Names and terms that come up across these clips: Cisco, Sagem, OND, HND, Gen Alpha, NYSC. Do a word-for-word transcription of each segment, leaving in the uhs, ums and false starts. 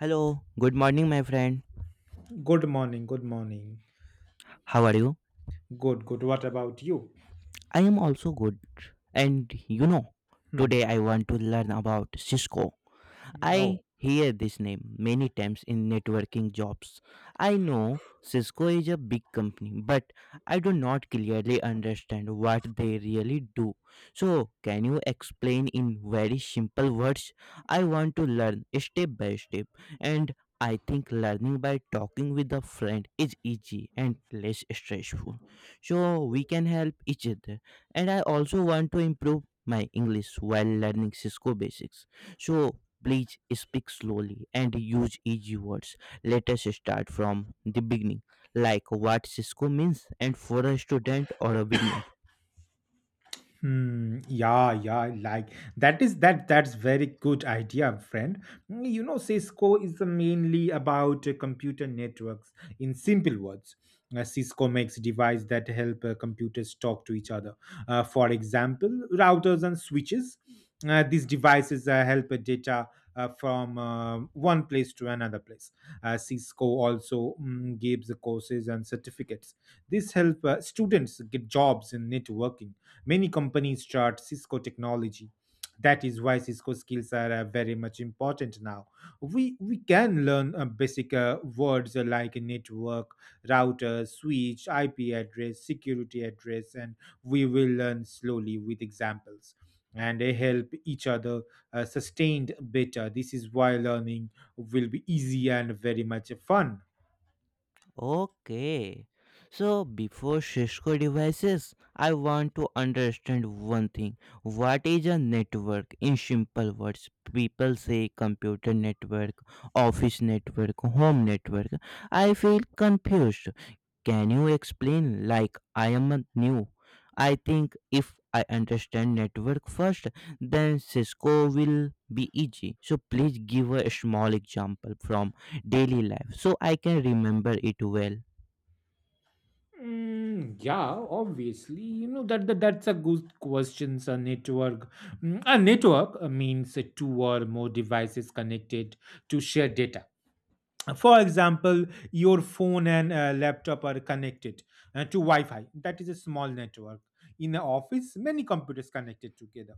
Hello, good morning, my friend. Good morning. Good morning. How are you? Good, good. What about you? I am also good. And you know, Hmm. today I want to learn about Cisco. I Oh. hear this name many times in networking jobs. I know Cisco is a big company, but I do not clearly understand what they really do. So, can you explain in very simple words? I want to learn step by step, and I think learning by talking with a friend is easy and less stressful. So, we can help each other. And I also want to improve my English while learning Cisco basics. So, please speak slowly and use easy words. Let us start from the beginning, like what Cisco means and for a student or a beginner. Hmm, yeah, yeah, like that is that that's very good idea, friend. Mm, you know, Cisco is uh, mainly about uh, computer networks. In simple words, uh, Cisco makes devices that help uh, computers talk to each other. Uh, for example, routers and switches. Uh, these devices uh, help uh, data uh, from uh, one place to another place. Uh, Cisco also mm, gives courses and certificates. This help uh, students get jobs in networking. Many companies chart Cisco technology. That is why Cisco skills are uh, very much important now. We we can learn uh, basic uh, words uh, like network, router, switch, I P address, security address, and we will learn slowly with examples and they help each other uh, sustained better. This is why learning will be easy and very much fun. Okay. So before Cisco devices, I want to understand one thing. What is a network? In simple words, people say computer network, office network, home network. I feel confused. Can you explain like I am a new? I think if I understand network first, then Cisco will be easy. So please give a small example from daily life so I can remember it well. Mm, yeah, obviously, you know that, that that's a good question. A network, mm, a network uh, means uh, two or more devices connected to share data. For example, your phone and uh, laptop are connected uh, to Wi-Fi. That is a small network. In the office, many computers connected together.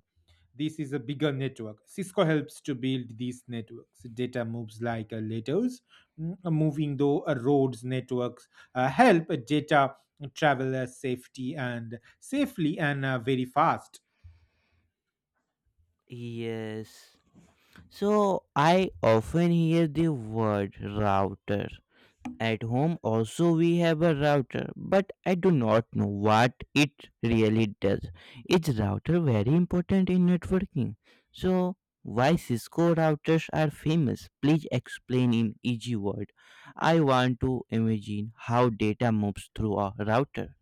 This is a bigger network. Cisco helps to build these networks. Data moves like uh, letters, mm, moving though uh, roads networks uh, help data travel uh, safety and safely and uh, very fast. Yes. So I often hear the word router. At home also we have a router, but I do not know what it really does. Is router very important in networking? So why Cisco routers are famous? Please explain in easy word. I want to imagine how data moves through a router.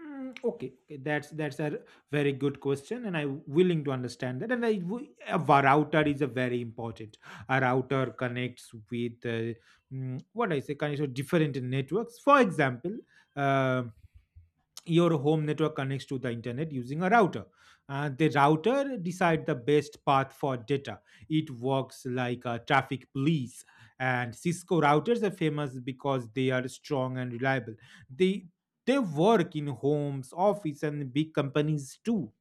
Mm, Okay, okay, that's that's a very good question, and I'm willing to understand that. And I, w- a wa- router is a very important. A router connects with uh, mm, what I say, connects with different networks. For example, um your home network connects to the internet using a router, and the router decide the best path for data. It works like a traffic police, and Cisco routers are famous because they are strong and reliable. They they work in homes, office, and big companies too.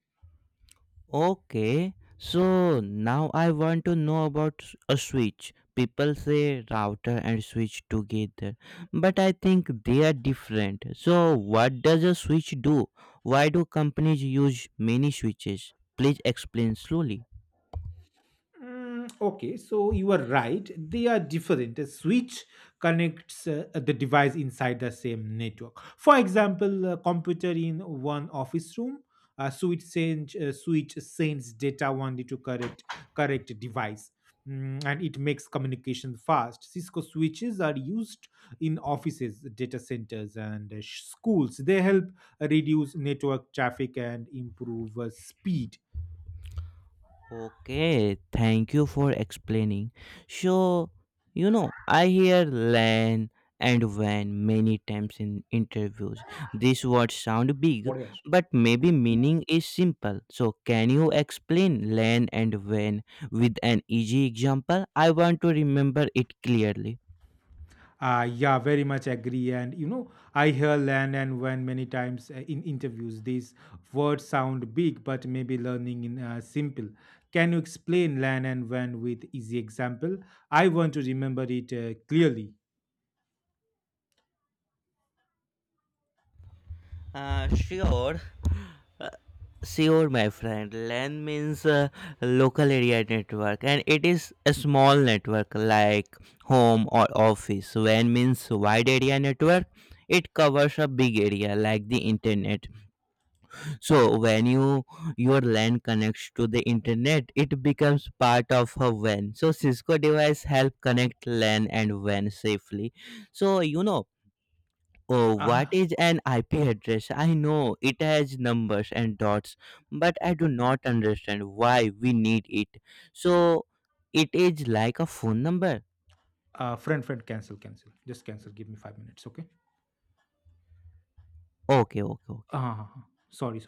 Okay, so now I want to know about s- a switch. People say router and switch together, but I think they are different. So, what does a switch do? Why do companies use many switches? Please explain slowly. Mm, okay, so you are right. They are different. A switch connects uh, the device inside the same network. For example, a computer in one office room, a switch sends uh, switch sends data only to correct correct device. Mm, and it makes communication fast. Cisco switches are used in offices, data centers, and uh, sh- schools. They help reduce network traffic and improve uh, speed. Okay, thank you for explaining. So, you know, I hear L A N and W A N many times in interviews. These words sound big, but maybe meaning is simple. So, can you explain L A N and W A N with an easy example? I want to remember it clearly. Uh, yeah, very much agree. And you know, I hear land and when many times uh, in interviews, these words sound big, but maybe learning in uh, simple. Can you explain land and when with easy example? I want to remember it uh, clearly. Uh, sure. Uh, Sure, my friend. L A N means uh, local area network, and it is a small network like home or office. W A N means wide area network. It covers a big area like the internet. So when you your L A N connects to the internet, it becomes part of a W A N. So Cisco device help connect L A N and W A N safely. So, you know oh, what Uh, is an I P address? I know it has numbers and dots, but I do not understand why we need it. So, it is like a phone number. uh, friend, friend, cancel, cancel. Just cancel. Give me five minutes, okay? Okay, okay, okay. Uh, sorry, sorry.